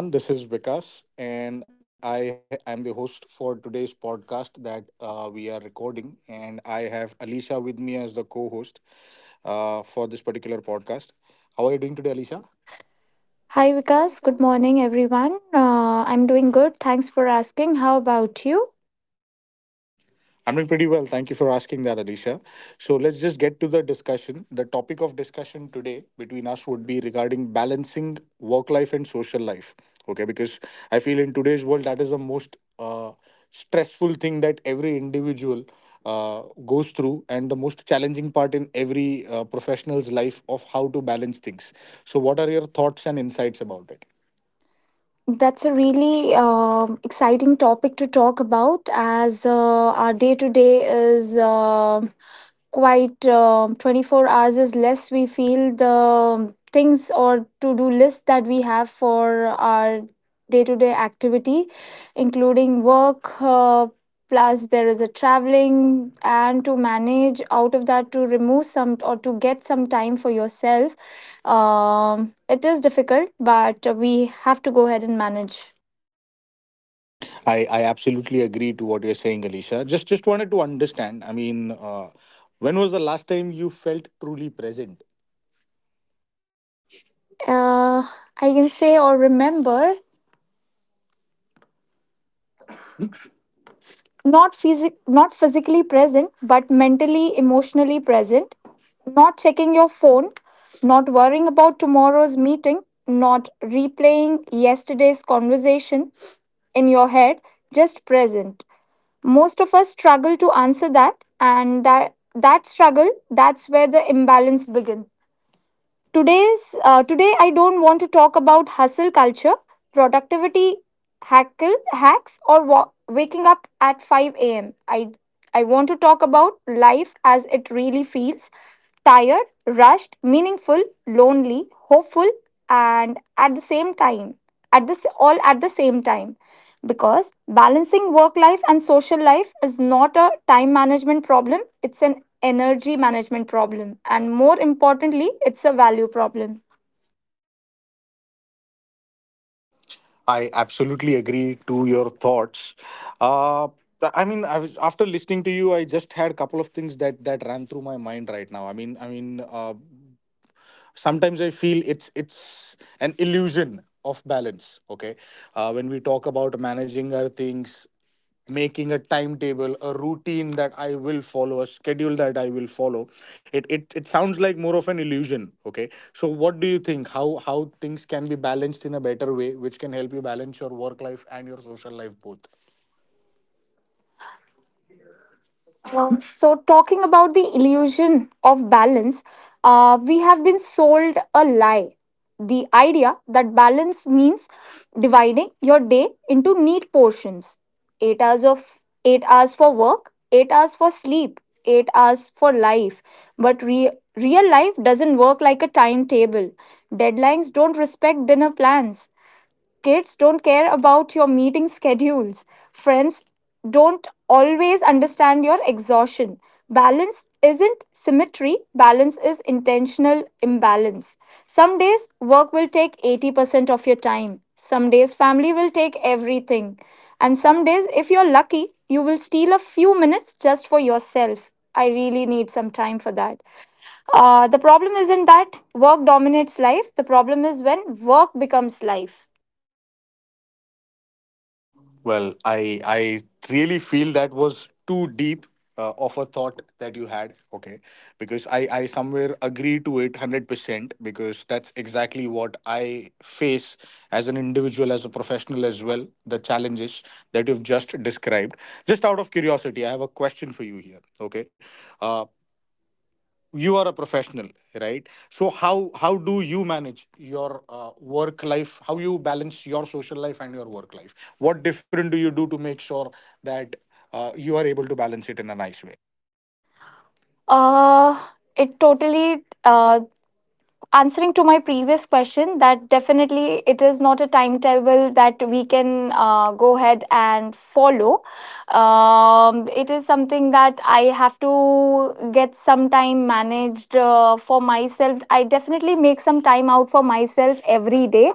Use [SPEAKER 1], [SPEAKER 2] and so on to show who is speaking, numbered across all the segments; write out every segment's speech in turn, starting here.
[SPEAKER 1] Hello, everyone. This is Vikas, and I am the host for today's podcast that we are recording. And I have Alicia with me as the co host for this particular podcast. How are you doing today, Alicia?
[SPEAKER 2] Hi Vikas, good morning everyone. I'm doing good. Thanks for asking. How about you?
[SPEAKER 1] I'm doing pretty well. Thank you for asking that, Alicia. So let's just get to the discussion. The topic of discussion today between us would be regarding balancing work life and social life. Okay, because I feel in today's world that is the most stressful thing that every individual goes through, and the most challenging part in every professional's life of how to balance things. So, what are your thoughts and insights about it?
[SPEAKER 2] That's a really exciting topic to talk about as our day to day is. Quite 24 hours is less, we feel the things or to do list that we have for our day to day activity, including work plus there is a traveling, and to manage out of that to remove some or to get some time for yourself, it is difficult but we have to go ahead and manage.
[SPEAKER 1] I absolutely agree to what you're saying, Alicia. Just wanted to understand. I mean, when was the last time you felt truly present?
[SPEAKER 2] uh, I can say or remember, not physically present but mentally, emotionally present, not checking your phone, not worrying about tomorrow's meeting, not replaying yesterday's conversation in your head, just present. Most of us struggle to answer that, and that struggle, that's where the imbalance begins. Today I don't want to talk about hustle culture, productivity hackle, hacks, or waking up at 5 a.m. I want to talk about life as it really feels: tired, rushed, meaningful, lonely, hopeful, and at the same time, at this all at the same time, because balancing work life and social life is not a time management problem, it's an energy management problem, and more importantly, it's a value problem.
[SPEAKER 1] I absolutely agree to your thoughts. Uh, I mean, I was, after listening to you, I just had a couple of things that ran through my mind right now. Sometimes I feel it's an illusion of balance. Okay, when we talk about managing our things, making a timetable, a routine that I will follow, a schedule that I will follow, it sounds like more of an illusion. Okay, so what do you think, how things can be balanced in a better way which can help you balance your work life and your social life both?
[SPEAKER 2] So, talking about the illusion of balance, we have been sold a lie. The idea that balance means dividing your day into neat portions: 8 hours of 8 hours for work, 8 hours for sleep, 8 hours for life. But real life doesn't work like a timetable. Deadlines don't respect dinner plans. Kids don't care about your meeting schedules. Friends don't always understand your exhaustion. Balance isn't symmetry, balance is intentional imbalance. Some days work will take 80% of your time. Some days family will take everything. And some days, if you're lucky, you will steal a few minutes just for yourself. I really need some time for that. The problem isn't that work dominates life, the problem is when work becomes life.
[SPEAKER 1] Well, I really feel that was too deep of a thought that you had. Okay, because I somewhere agree to it 100% because that's exactly what I face as an individual, as a professional as well. The challenges that you've just described. Just out of curiosity, I have a question for you here. Okay, uh, you are a professional, right? So how do you manage your work life? How you balance your social life and your work life? What different do you do to make sure that you are able to balance it in a nice way?
[SPEAKER 2] Uh, it totally Answering to my previous question, that definitely it is not a timetable that we can go ahead and follow. It is something that I have to get some time managed for myself. I definitely make some time out for myself every day,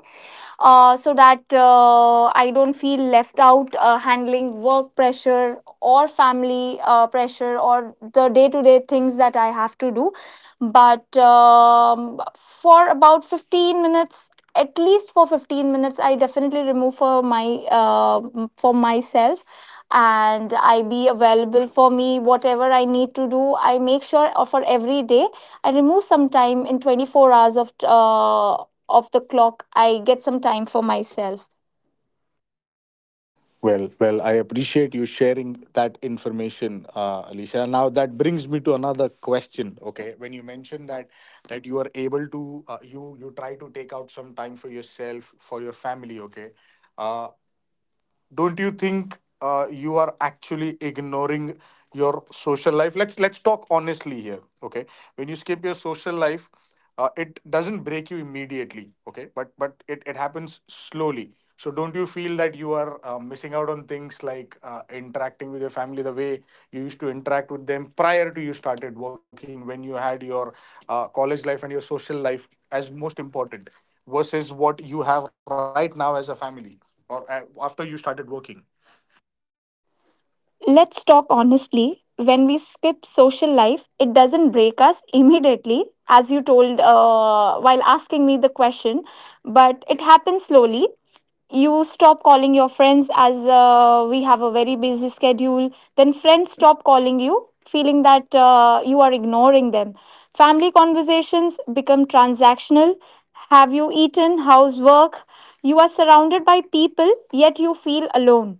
[SPEAKER 2] so that I don't feel left out handling work pressure or family pressure or the day to day things that I have to do. But for about 15 minutes, at least for 15 minutes, I definitely remove for my for myself, and I be available for me whatever I need to do. I make sure for every day I remove some time in 24 hours of the clock. I get some time for myself.
[SPEAKER 1] Well, I appreciate you sharing that information, alicia. Now that brings me to another question. Okay, when you mentioned that you are able to you you try to take out some time for yourself, for your family. Okay, uh, don't you think you are actually ignoring your social life? Let's talk honestly here. Okay, when you skip your social life, it doesn't break you immediately. Okay, but it happens slowly. So don't you feel that you are missing out on things like interacting with your family the way you used to interact with them prior to you started working, when you had your college life and your social life as most important versus what you have right now as a family or after you started working.
[SPEAKER 2] Let's talk honestly. When we skip social life, it doesn't break us immediately, as you told while asking me the question, but it happens slowly. You stop calling your friends, as we have a very busy schedule. Then friends stop calling you, feeling that you are ignoring them. Family conversations become transactional. Have you eaten? How's work? You are surrounded by people, yet you feel alone.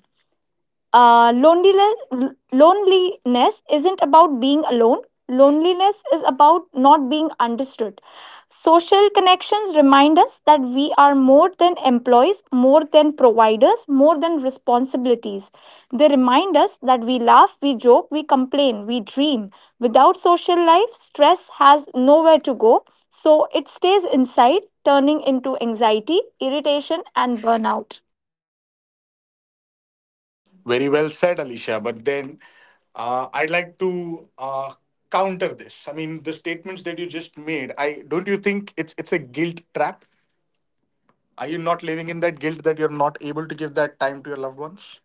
[SPEAKER 2] uh, loneliness, Loneliness isn't about being alone. Loneliness is about not being understood. Social connections remind us that we are more than employees, more than providers, more than responsibilities. They remind us that we laugh, we joke, we complain, we dream. Without social life, stress has nowhere to go, so it stays inside, turning into anxiety, irritation, and burnout.
[SPEAKER 1] Very well said, Alicia. But then I'd like to counter this. I mean, the statements that you just made. I don't you think it's a guilt trap? Are you not living in that guilt that you're not able to give that time to your loved ones?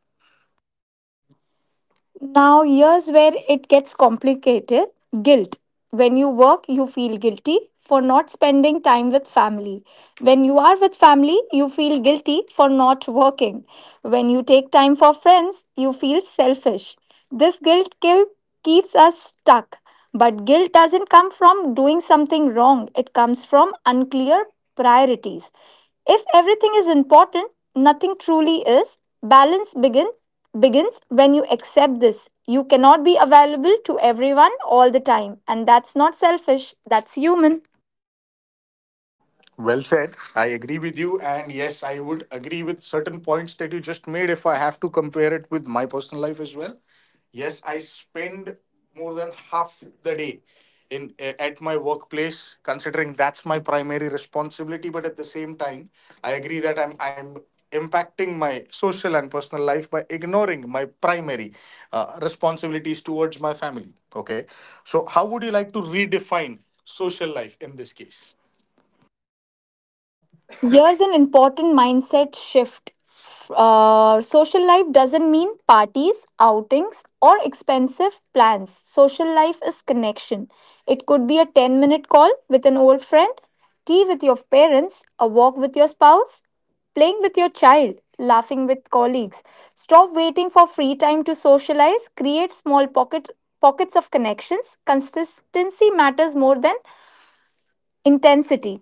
[SPEAKER 2] Now, here's where it gets complicated: guilt. When you work, you feel guilty for not spending time with family. When you are with family, you feel guilty for not working. When you take time for friends, you feel selfish. This guilt keep keeps us stuck. But guilt doesn't come from doing something wrong, it comes from unclear priorities. If everything is important, nothing truly is. Balance begins begins when you accept this. You cannot be available to everyone all the time, and that's not selfish, that's human.
[SPEAKER 1] Well said. I agree with you. And yes, I would agree with certain points that you just made if I have to compare it with my personal life as well. Yes, I spend more than half the day in at my workplace, considering that's my primary responsibility, but at the same time I agree that I'm impacting my social and personal life by ignoring my primary responsibilities towards my family. Okay. So how would you like to redefine social life in this case?
[SPEAKER 2] Here's an important mindset shift. Social life doesn't mean parties, outings, or expensive plans. Social life is connection. It could be a 10-minute call with an old friend, tea with your parents, a walk with your spouse, playing with your child, laughing with colleagues. Stop waiting for free time to socialize. Create small pockets of connections. Consistency matters more than intensity.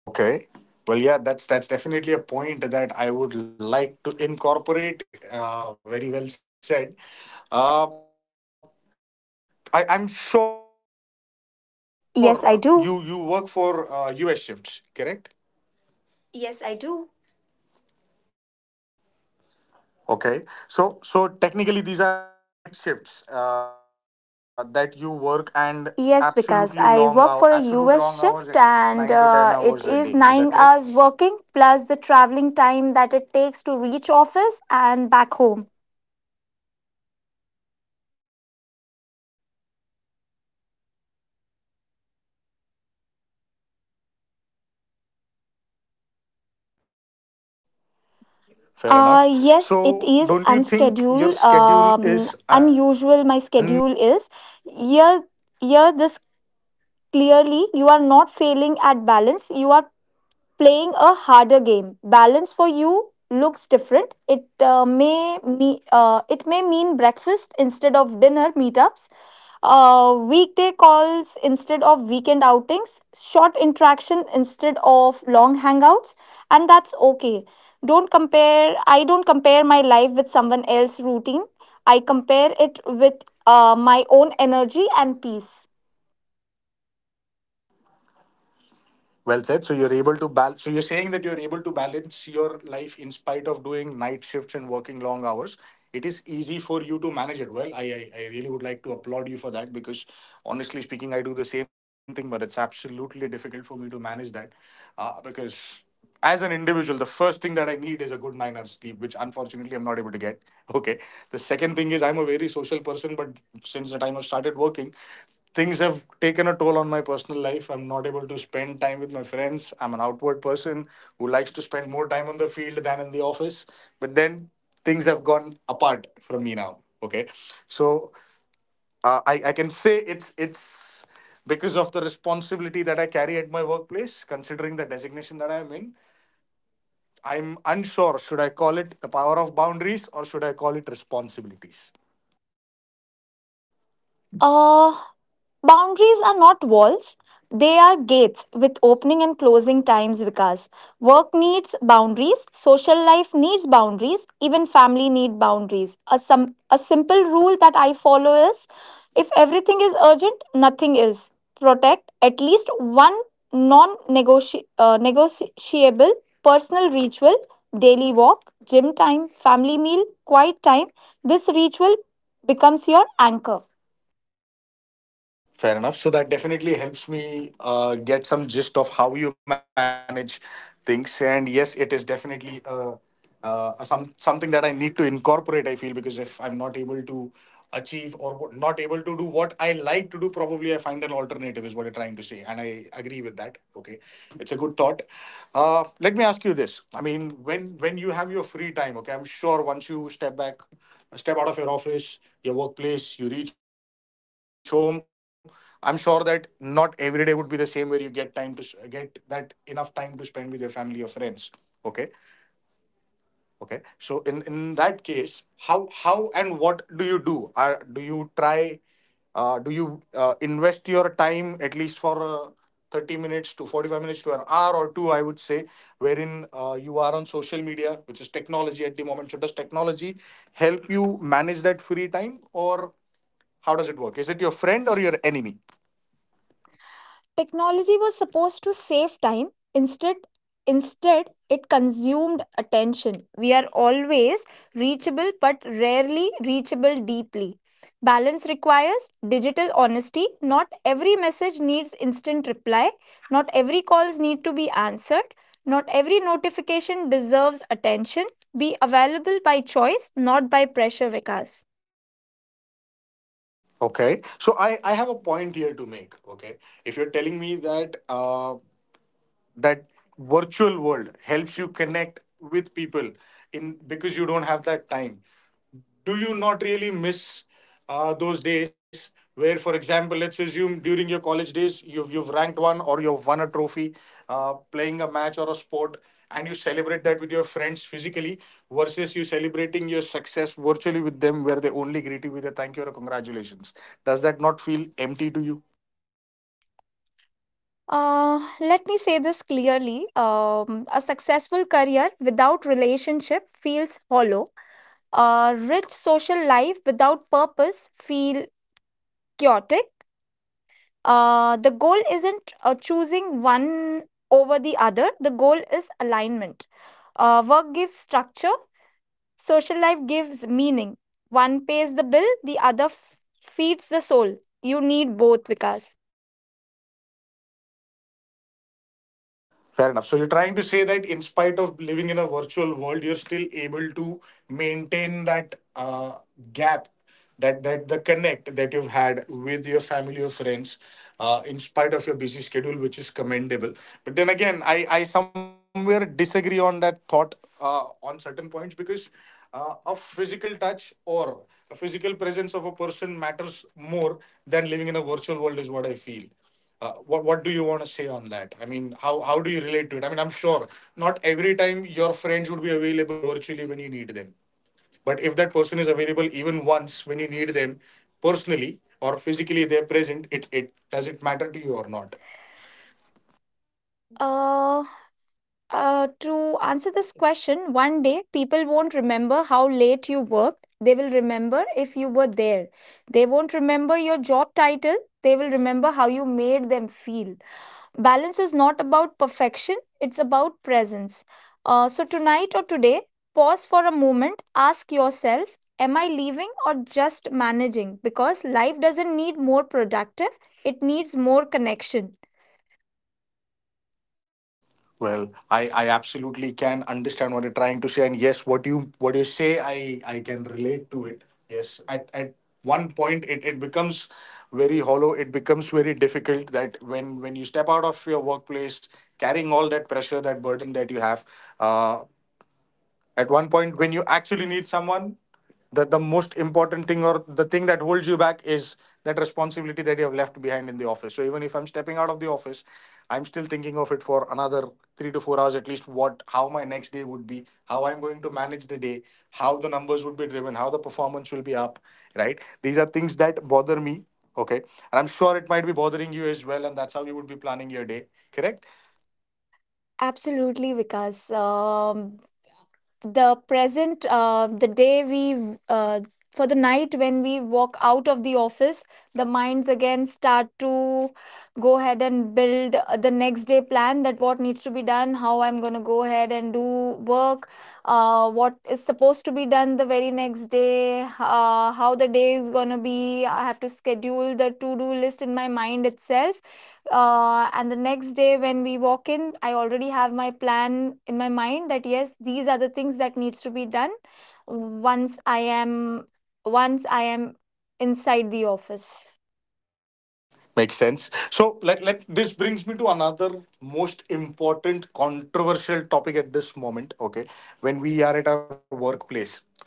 [SPEAKER 1] Okay. Well, yeah, that's definitely a point that I would like to incorporate. Very well said. Uh, I'm sure you you work
[SPEAKER 2] Yes, I
[SPEAKER 1] for
[SPEAKER 2] do.
[SPEAKER 1] U.S. shifts, correct? Yes, I do. Okay. So so technically, these are night shifts that you work, and absolutely long hour, absolute
[SPEAKER 2] Yes,
[SPEAKER 1] long hours,
[SPEAKER 2] because
[SPEAKER 1] at
[SPEAKER 2] I
[SPEAKER 1] least nine
[SPEAKER 2] work
[SPEAKER 1] to
[SPEAKER 2] for
[SPEAKER 1] ten
[SPEAKER 2] a
[SPEAKER 1] hours a day.
[SPEAKER 2] US
[SPEAKER 1] Is that
[SPEAKER 2] shift,
[SPEAKER 1] correct?
[SPEAKER 2] and it is 9 hours working plus the traveling time that it takes to reach office and back home.
[SPEAKER 1] Fair enough. So don't you think your schedule is unusual?
[SPEAKER 2] Yes, it is unscheduled. Unusual my schedule is. Here, here, this, clearly, you are not failing at balance. You are playing a harder game. Balance for you looks different. It may mean breakfast instead of dinner meetups, weekday calls instead of weekend outings, short interaction instead of long hangouts, and that's okay. Don't compare. I don't compare my life with someone else's routine. I compare it with my own energy and peace.
[SPEAKER 1] Well said. So you're able to balance. So you're saying that you're able to balance your life in spite of doing night shifts and working long hours. It is easy for you to manage it well. I really would like to applaud you for that, because honestly speaking, I do the same thing, but it's absolutely difficult for me to manage that because as an individual, the first thing that I need is a good 9 hours sleep, which unfortunately I'm not able to get. Okay. The second thing is I'm a very social person, but since the time I've started working, things have taken a toll on my personal life. I'm not able to spend time with my friends. I'm an outward person who likes to spend more time on the field than in the office. But then things have gone apart from me now. Okay, so I I can say it's because of the responsibility that I carry at my workplace. Considering the designation that I am in, I'm unsure. Should I call it the power of boundaries or should I call it responsibilities?
[SPEAKER 2] Uh, Boundaries are not walls, they are gates with opening and closing times, Vikas. Work needs boundaries, social life needs boundaries, even family need boundaries. A simple rule that I follow is, if everything is urgent, nothing is. Protect at least one non negotiable personal ritual: daily walk, gym time, family meal, quiet time. This ritual becomes your anchor.
[SPEAKER 1] Fair enough. So that definitely helps me get some gist of how you manage things. And yes, it is definitely a something that I need to incorporate. I feel because if I'm not able to achieve or not able to do what I like to do, probably I find an alternative. Is what you're trying to say, and I agree with that. Okay, it's a good thought. Let me ask you this. I mean, when you have your free time, okay, I'm sure once you step back, step out of your office, your workplace, you reach home. I'm sure that not every day would be the same where you get time to get that enough time to spend with your family or friends. Okay, okay. So in that case, how and what do you do? Are do you try? Do you invest your time at least for 30 minutes to 45 minutes to an hour or two? I would say, wherein you are on social media, which is technology at the moment. So does technology help you manage that free time, or how does it work? Is it your friend or your enemy?
[SPEAKER 2] Technology was supposed to save time. Instead, instead, it consumed attention. We are always reachable but rarely reachable deeply. Balance requires digital honesty. Not every message needs instant reply. Not every calls need to be answered. Not every notification deserves attention. Be available by choice, not by pressure, Vikas.
[SPEAKER 1] Okay, so I have a point here to make. Okay, if you're telling me that that virtual world helps you connect with people in because you don't have that time, do you not really miss those days where, for example, let's assume during your college days you've ranked one or you've won a trophy, playing a match or a sport, and you celebrate that with your friends physically, versus you celebrating your success virtually with them, where they only greet you with a thank you or a congratulations. Does that not feel empty to you?
[SPEAKER 2] Let me say this clearly. A successful career without relationship feels hollow. A rich social life without purpose feel chaotic. The goal isn't choosing one over the other. The goal is alignment. Work gives structure. Social life gives meaning. One pays the bill. The other feeds the soul. You need both, Vikas.
[SPEAKER 1] Fair enough. So you're trying to say that in spite of living in a virtual world, you're still able to maintain that gap, that the connect that you've had with your family or friends, in spite of your busy schedule, which is commendable. But then again, I somewhere disagree on that thought on certain points because a physical touch or a physical presence of a person matters more than living in a virtual world is what I feel. What do you want to say on that? I mean, how do you relate to it? I mean, I'm sure not every time your friends would be available virtually when you need them. But if that person is available even once when you need them personally or physically they're present, it does it matter to you or not?
[SPEAKER 2] Uh, to answer this question, one day people won't remember how late you worked. They will remember if you were there. They won't remember your job title. They will remember how you made them feel. Balance is not about perfection, it's about presence. So, tonight or today, pause for a moment, ask yourself, "Am I leaving or just managing?" Because life doesn't need more productive, it needs more connection.
[SPEAKER 1] Well, I absolutely can understand what you're trying to say, and yes, what you say, I can relate to it. Yes, at one point it becomes very hollow. It becomes very difficult that when you step out of your workplace, carrying all that pressure, that burden that you have, uh, at one point when you actually need someone, the most important thing or the thing that holds you back is that responsibility that you have left behind in the office. So even if I'm stepping out of the office, I'm still thinking of it for another 3 to 4 hours at least. What, how my next day would be, how I'm going to manage the day, how the numbers would be driven, how the performance will be up, right? These are things that bother me, okay? And I'm sure it might be bothering you as well, and that's how you would be planning your day, correct?
[SPEAKER 2] Absolutely, Vikas. The day we, for the night when we walk out of the office, the minds again start to go ahead and build the next day plan, that what needs to be done, how I'm going to go ahead and do work, what is supposed to be done the very next day, how the day is going to be. I have to schedule the to do list in my mind itself, and the next day when we walk in, I already have my plan in my mind that yes, these are the things that needs to be done once i am once I am inside the office.
[SPEAKER 1] Makes sense. So let this brings me to another most important controversial topic at this moment. Okay. When we are at our workplace, okay.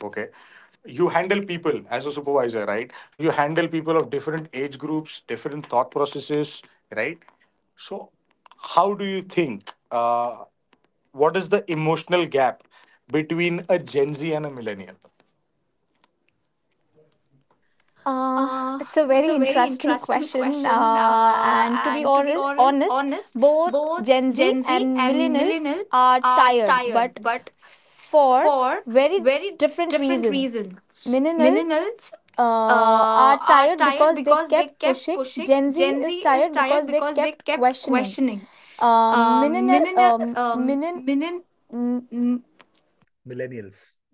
[SPEAKER 1] You handle people as a supervisor, right? So you handle people of different age groups, different thought processes, right? So how do you think what is the emotional gap between a Gen Z and a millennial?
[SPEAKER 2] Uh,
[SPEAKER 1] Uh,
[SPEAKER 2] it's a
[SPEAKER 1] it's
[SPEAKER 2] very
[SPEAKER 1] a very
[SPEAKER 2] interesting
[SPEAKER 1] interesting
[SPEAKER 2] question
[SPEAKER 1] question.
[SPEAKER 2] and to be
[SPEAKER 1] And to be
[SPEAKER 2] honest,
[SPEAKER 1] honest,
[SPEAKER 2] both
[SPEAKER 1] both
[SPEAKER 2] Gen Z
[SPEAKER 1] Gen Z
[SPEAKER 2] and
[SPEAKER 1] and
[SPEAKER 2] millennial
[SPEAKER 1] millennial
[SPEAKER 2] are
[SPEAKER 1] are
[SPEAKER 2] tired,
[SPEAKER 1] tired,
[SPEAKER 2] but
[SPEAKER 1] but
[SPEAKER 2] for
[SPEAKER 1] for
[SPEAKER 2] very
[SPEAKER 1] very
[SPEAKER 2] different
[SPEAKER 1] different
[SPEAKER 2] reason.
[SPEAKER 1] reasons.
[SPEAKER 2] Millennials
[SPEAKER 1] Millennials
[SPEAKER 2] are
[SPEAKER 1] are
[SPEAKER 2] tired
[SPEAKER 1] tired
[SPEAKER 2] because they
[SPEAKER 1] because they
[SPEAKER 2] kept
[SPEAKER 1] kept
[SPEAKER 2] pushing.
[SPEAKER 1] pushing.
[SPEAKER 2] Gen Z
[SPEAKER 1] Gen Z
[SPEAKER 2] is
[SPEAKER 1] is
[SPEAKER 2] tired
[SPEAKER 1] tired
[SPEAKER 2] because they
[SPEAKER 1] because they
[SPEAKER 2] kept
[SPEAKER 1] kept
[SPEAKER 2] questioning.
[SPEAKER 1] questioning.
[SPEAKER 2] Uh,
[SPEAKER 1] Um,
[SPEAKER 2] millenni-
[SPEAKER 1] millennial,
[SPEAKER 2] um,
[SPEAKER 1] um,
[SPEAKER 2] millen-
[SPEAKER 1] millen-
[SPEAKER 2] mm,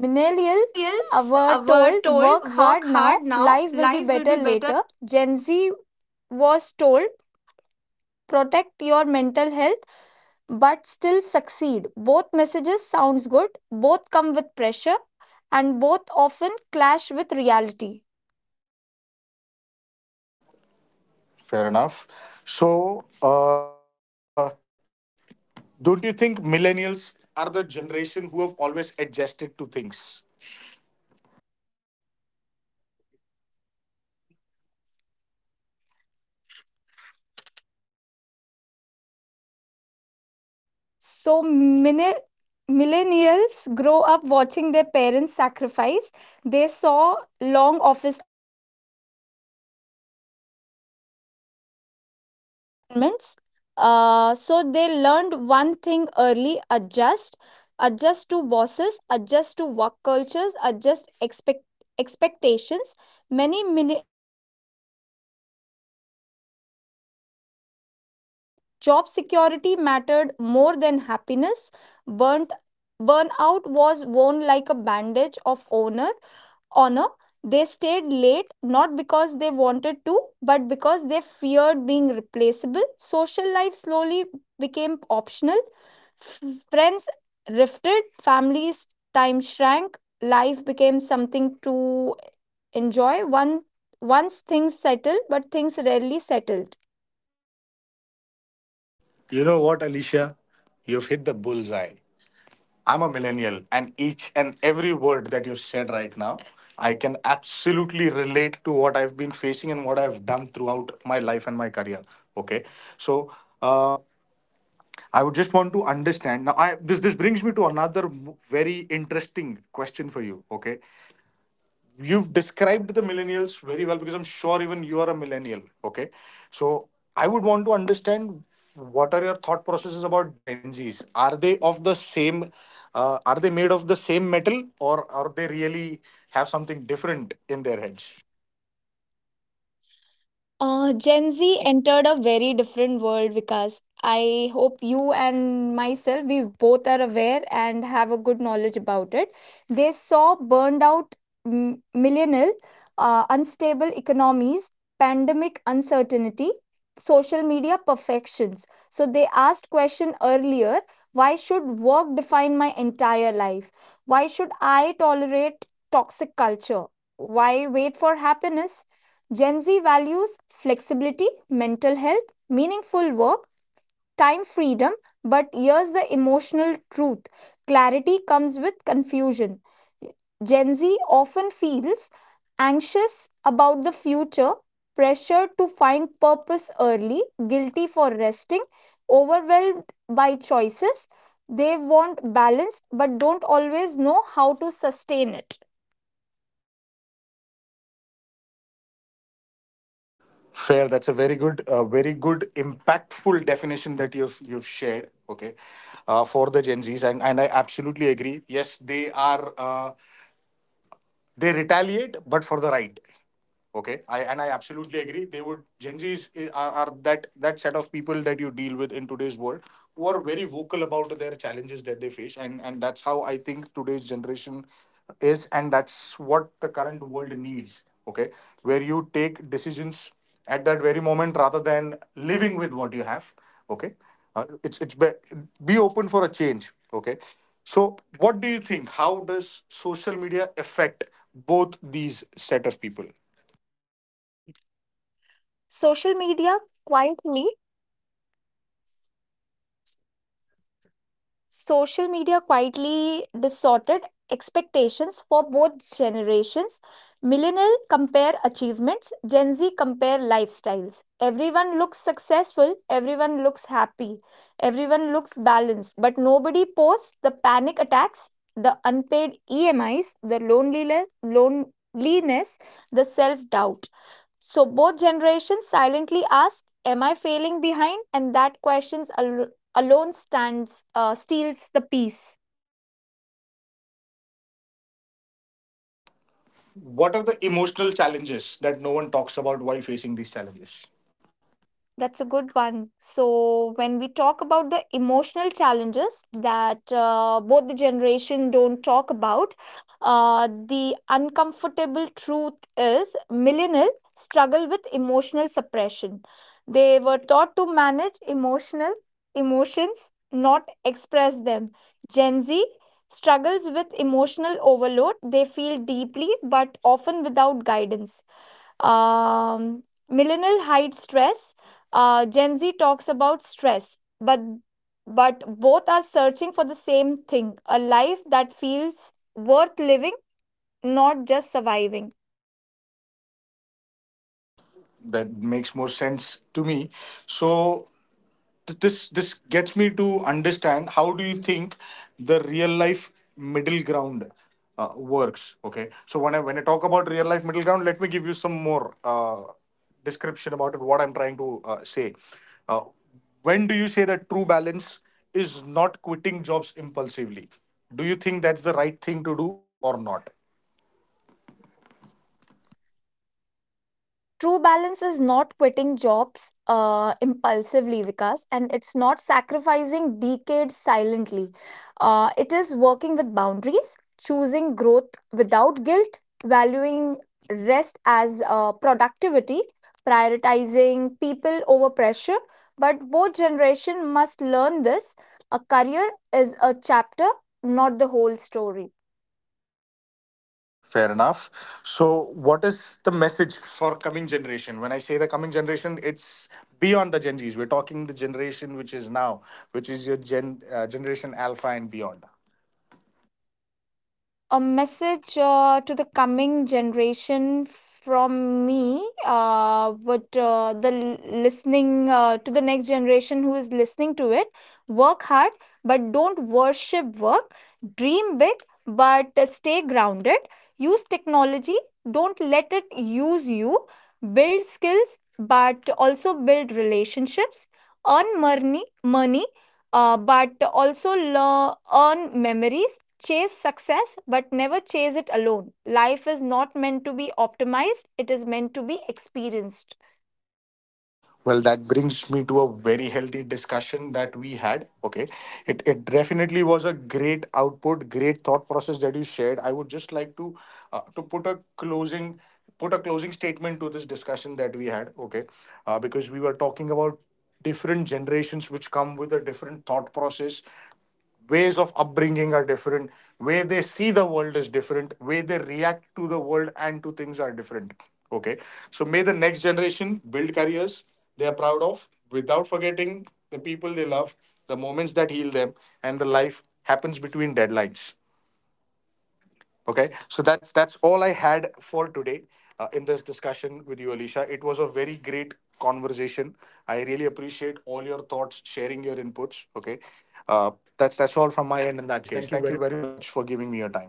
[SPEAKER 2] Millennials
[SPEAKER 1] Millennials
[SPEAKER 2] were
[SPEAKER 1] were
[SPEAKER 2] told,
[SPEAKER 1] told,
[SPEAKER 2] work
[SPEAKER 1] work
[SPEAKER 2] hard
[SPEAKER 1] hard
[SPEAKER 2] now,
[SPEAKER 1] now,
[SPEAKER 2] life will be
[SPEAKER 1] life will be
[SPEAKER 2] better
[SPEAKER 1] better.
[SPEAKER 2] later. Gen Z was told, protect your mental health but still succeed. Both messages sounds good, both come with pressure, and both often clash with reality.
[SPEAKER 1] Fair enough. So, don't you think millennials are the generation who have always adjusted to things?
[SPEAKER 2] So millennials grow up watching their parents sacrifice. They saw long office.
[SPEAKER 3] Environments. So they learned one thing early: adjust to bosses, adjust to work cultures, expectations. Many mini-
[SPEAKER 2] Job security mattered more than happiness. Burnt, Burnout was worn like a bandage of honor. They stayed late not because they wanted to, but because they feared being replaceable. Social life slowly became optional. Friends rifted, families' time shrank, life became something to enjoy One once things settled, but things rarely settled.
[SPEAKER 1] You know what, Alicia? You've hit the bullseye. I'm a millennial, and each and every word that you've said right now, I can absolutely relate to what I've been facing and what I've done throughout my life and my career. Okay, so uh, I would just want to understand now. This brings me to another very interesting question for you. Okay, you've described the millennials very well because I'm sure even you are a millennial. Okay. So I would want to understand what are your thought processes about Gen Zs? Are they of the same, are they made of the same metal or are they really have something different in their heads?
[SPEAKER 2] Gen Z entered a very different world, Vikas. I hope you and myself, we both are aware and have a good knowledge about it. They saw burned out millennial, unstable economies, pandemic uncertainty, social media perfections. So they asked question earlier, why should work define my entire life? Why should I tolerate toxic culture? Why wait for happiness? Gen Z values flexibility, mental health, meaningful work, time freedom, but here's the emotional truth: clarity comes with confusion. Gen Z often feels anxious about the future, pressured to find purpose early, guilty for resting, overwhelmed by choices. They want balance but don't always know how to sustain it.
[SPEAKER 1] Fair. That's a very good, very good, impactful definition that you've shared. Okay, for the Gen Zs, and I absolutely agree. Yes, they are they retaliate, but for the right. Okay, I absolutely agree. They would Gen Zs are that set of people that you deal with in today's world who are very vocal about their challenges that they face, and that's how I think today's generation is, and that's what the current world needs. Okay, where you take decisions at that very moment rather than living with what you have. Okay, uh, it's it's be, be open for a change. Okay, so what do you think? How does social media affect both these set of people?
[SPEAKER 2] Social media quietly Social media quietly distorted expectations for both generations. Millennial compare achievements, Gen Z compare lifestyles. Everyone looks successful, everyone looks happy, everyone looks balanced, but nobody posts the panic attacks, the unpaid EMIs, loneliness, the self doubt. So both generations silently ask, am I failing behind? And that questions al- alone stands steals the peace.
[SPEAKER 1] What are the emotional challenges that no one talks about while facing these challenges?
[SPEAKER 2] That's a good one. So when we talk about the emotional challenges that both the generation don't talk about, uh, the uncomfortable truth is, millennial struggle with emotional suppression, they were taught to manage emotional emotions, not express them. Gen Z struggles with emotional overload, they feel deeply but often without guidance. Um, millennial hides stress. Gen Z talks about stress, but both are searching for the same thing: a life that feels worth living, not just surviving.
[SPEAKER 1] That makes more sense to me. So this gets me to understand how do you think the real life middle ground works. Okay, so when I talk about real life middle ground, let me give you some more description about it, what I'm trying to say. Uh, when do you say that true balance is not quitting jobs impulsively? Do you think that's the right thing to do or not?
[SPEAKER 2] True balance is not quitting jobs impulsively, Vikas, and it's not sacrificing decades silently. It is working with boundaries, choosing growth without guilt, valuing rest as productivity, prioritizing people over pressure. But both generation must learn this. A career is a chapter, not the whole story.
[SPEAKER 1] Fair enough. So, what is the message for coming generation? When I say the coming generation, it's beyond the Gen Zs. We're talking the generation which is now, which is your generation Alpha and beyond.
[SPEAKER 2] A message to the coming generation from me, but the l- listening to the next generation who is listening to it: work hard but don't worship work, dream big but stay grounded, use technology, don't let it use you, build skills but also build relationships, earn money, but also earn memories, chase success, but never chase it alone. Life is not meant to be optimized, it is meant to be experienced.
[SPEAKER 1] Well, that brings me to a very healthy discussion that we had. Okay. It definitely was a great output, great thought process that you shared. I would just like to uh, to put a closing put a closing statement to this discussion that we had. Okay. Because we were talking about different generations which come with a different thought process, ways of upbringing are different, way they see the world is different, way they react to the world and to things are different, okay, so may the next generation build careers they are proud of without forgetting the people they love, the moments that heal them, and the life happens between deadlines. Okay, so that's all I had for today in this discussion with you, Alicia. It was a very great conversation. I really appreciate all your thoughts, sharing your inputs. Okay, uh, that's all from my end in that case. Thank you very much for giving me your time.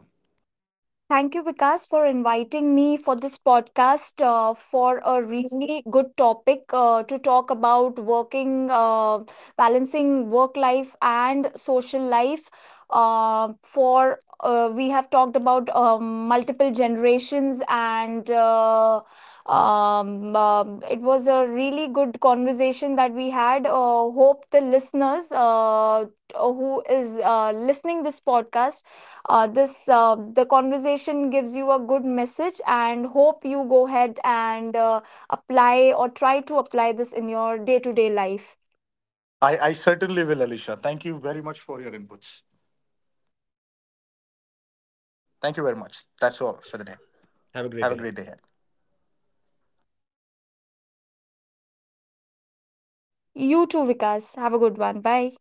[SPEAKER 2] Thank you, Vikas, for inviting me for this podcast, for a really good topic to talk about balancing work life and social life. For We have talked about multiple generations, and it was a really good conversation that we had. Hope the listeners who is listening this podcast, this the conversation gives you a good message, and hope you go ahead and apply or try to apply this in your day-to-day life.
[SPEAKER 1] I certainly will, Alicia. Thank you very much for your inputs. Thank you very much. That's all for the day. Have a great day ahead.
[SPEAKER 2] You too, Vikas, have a good one. Bye.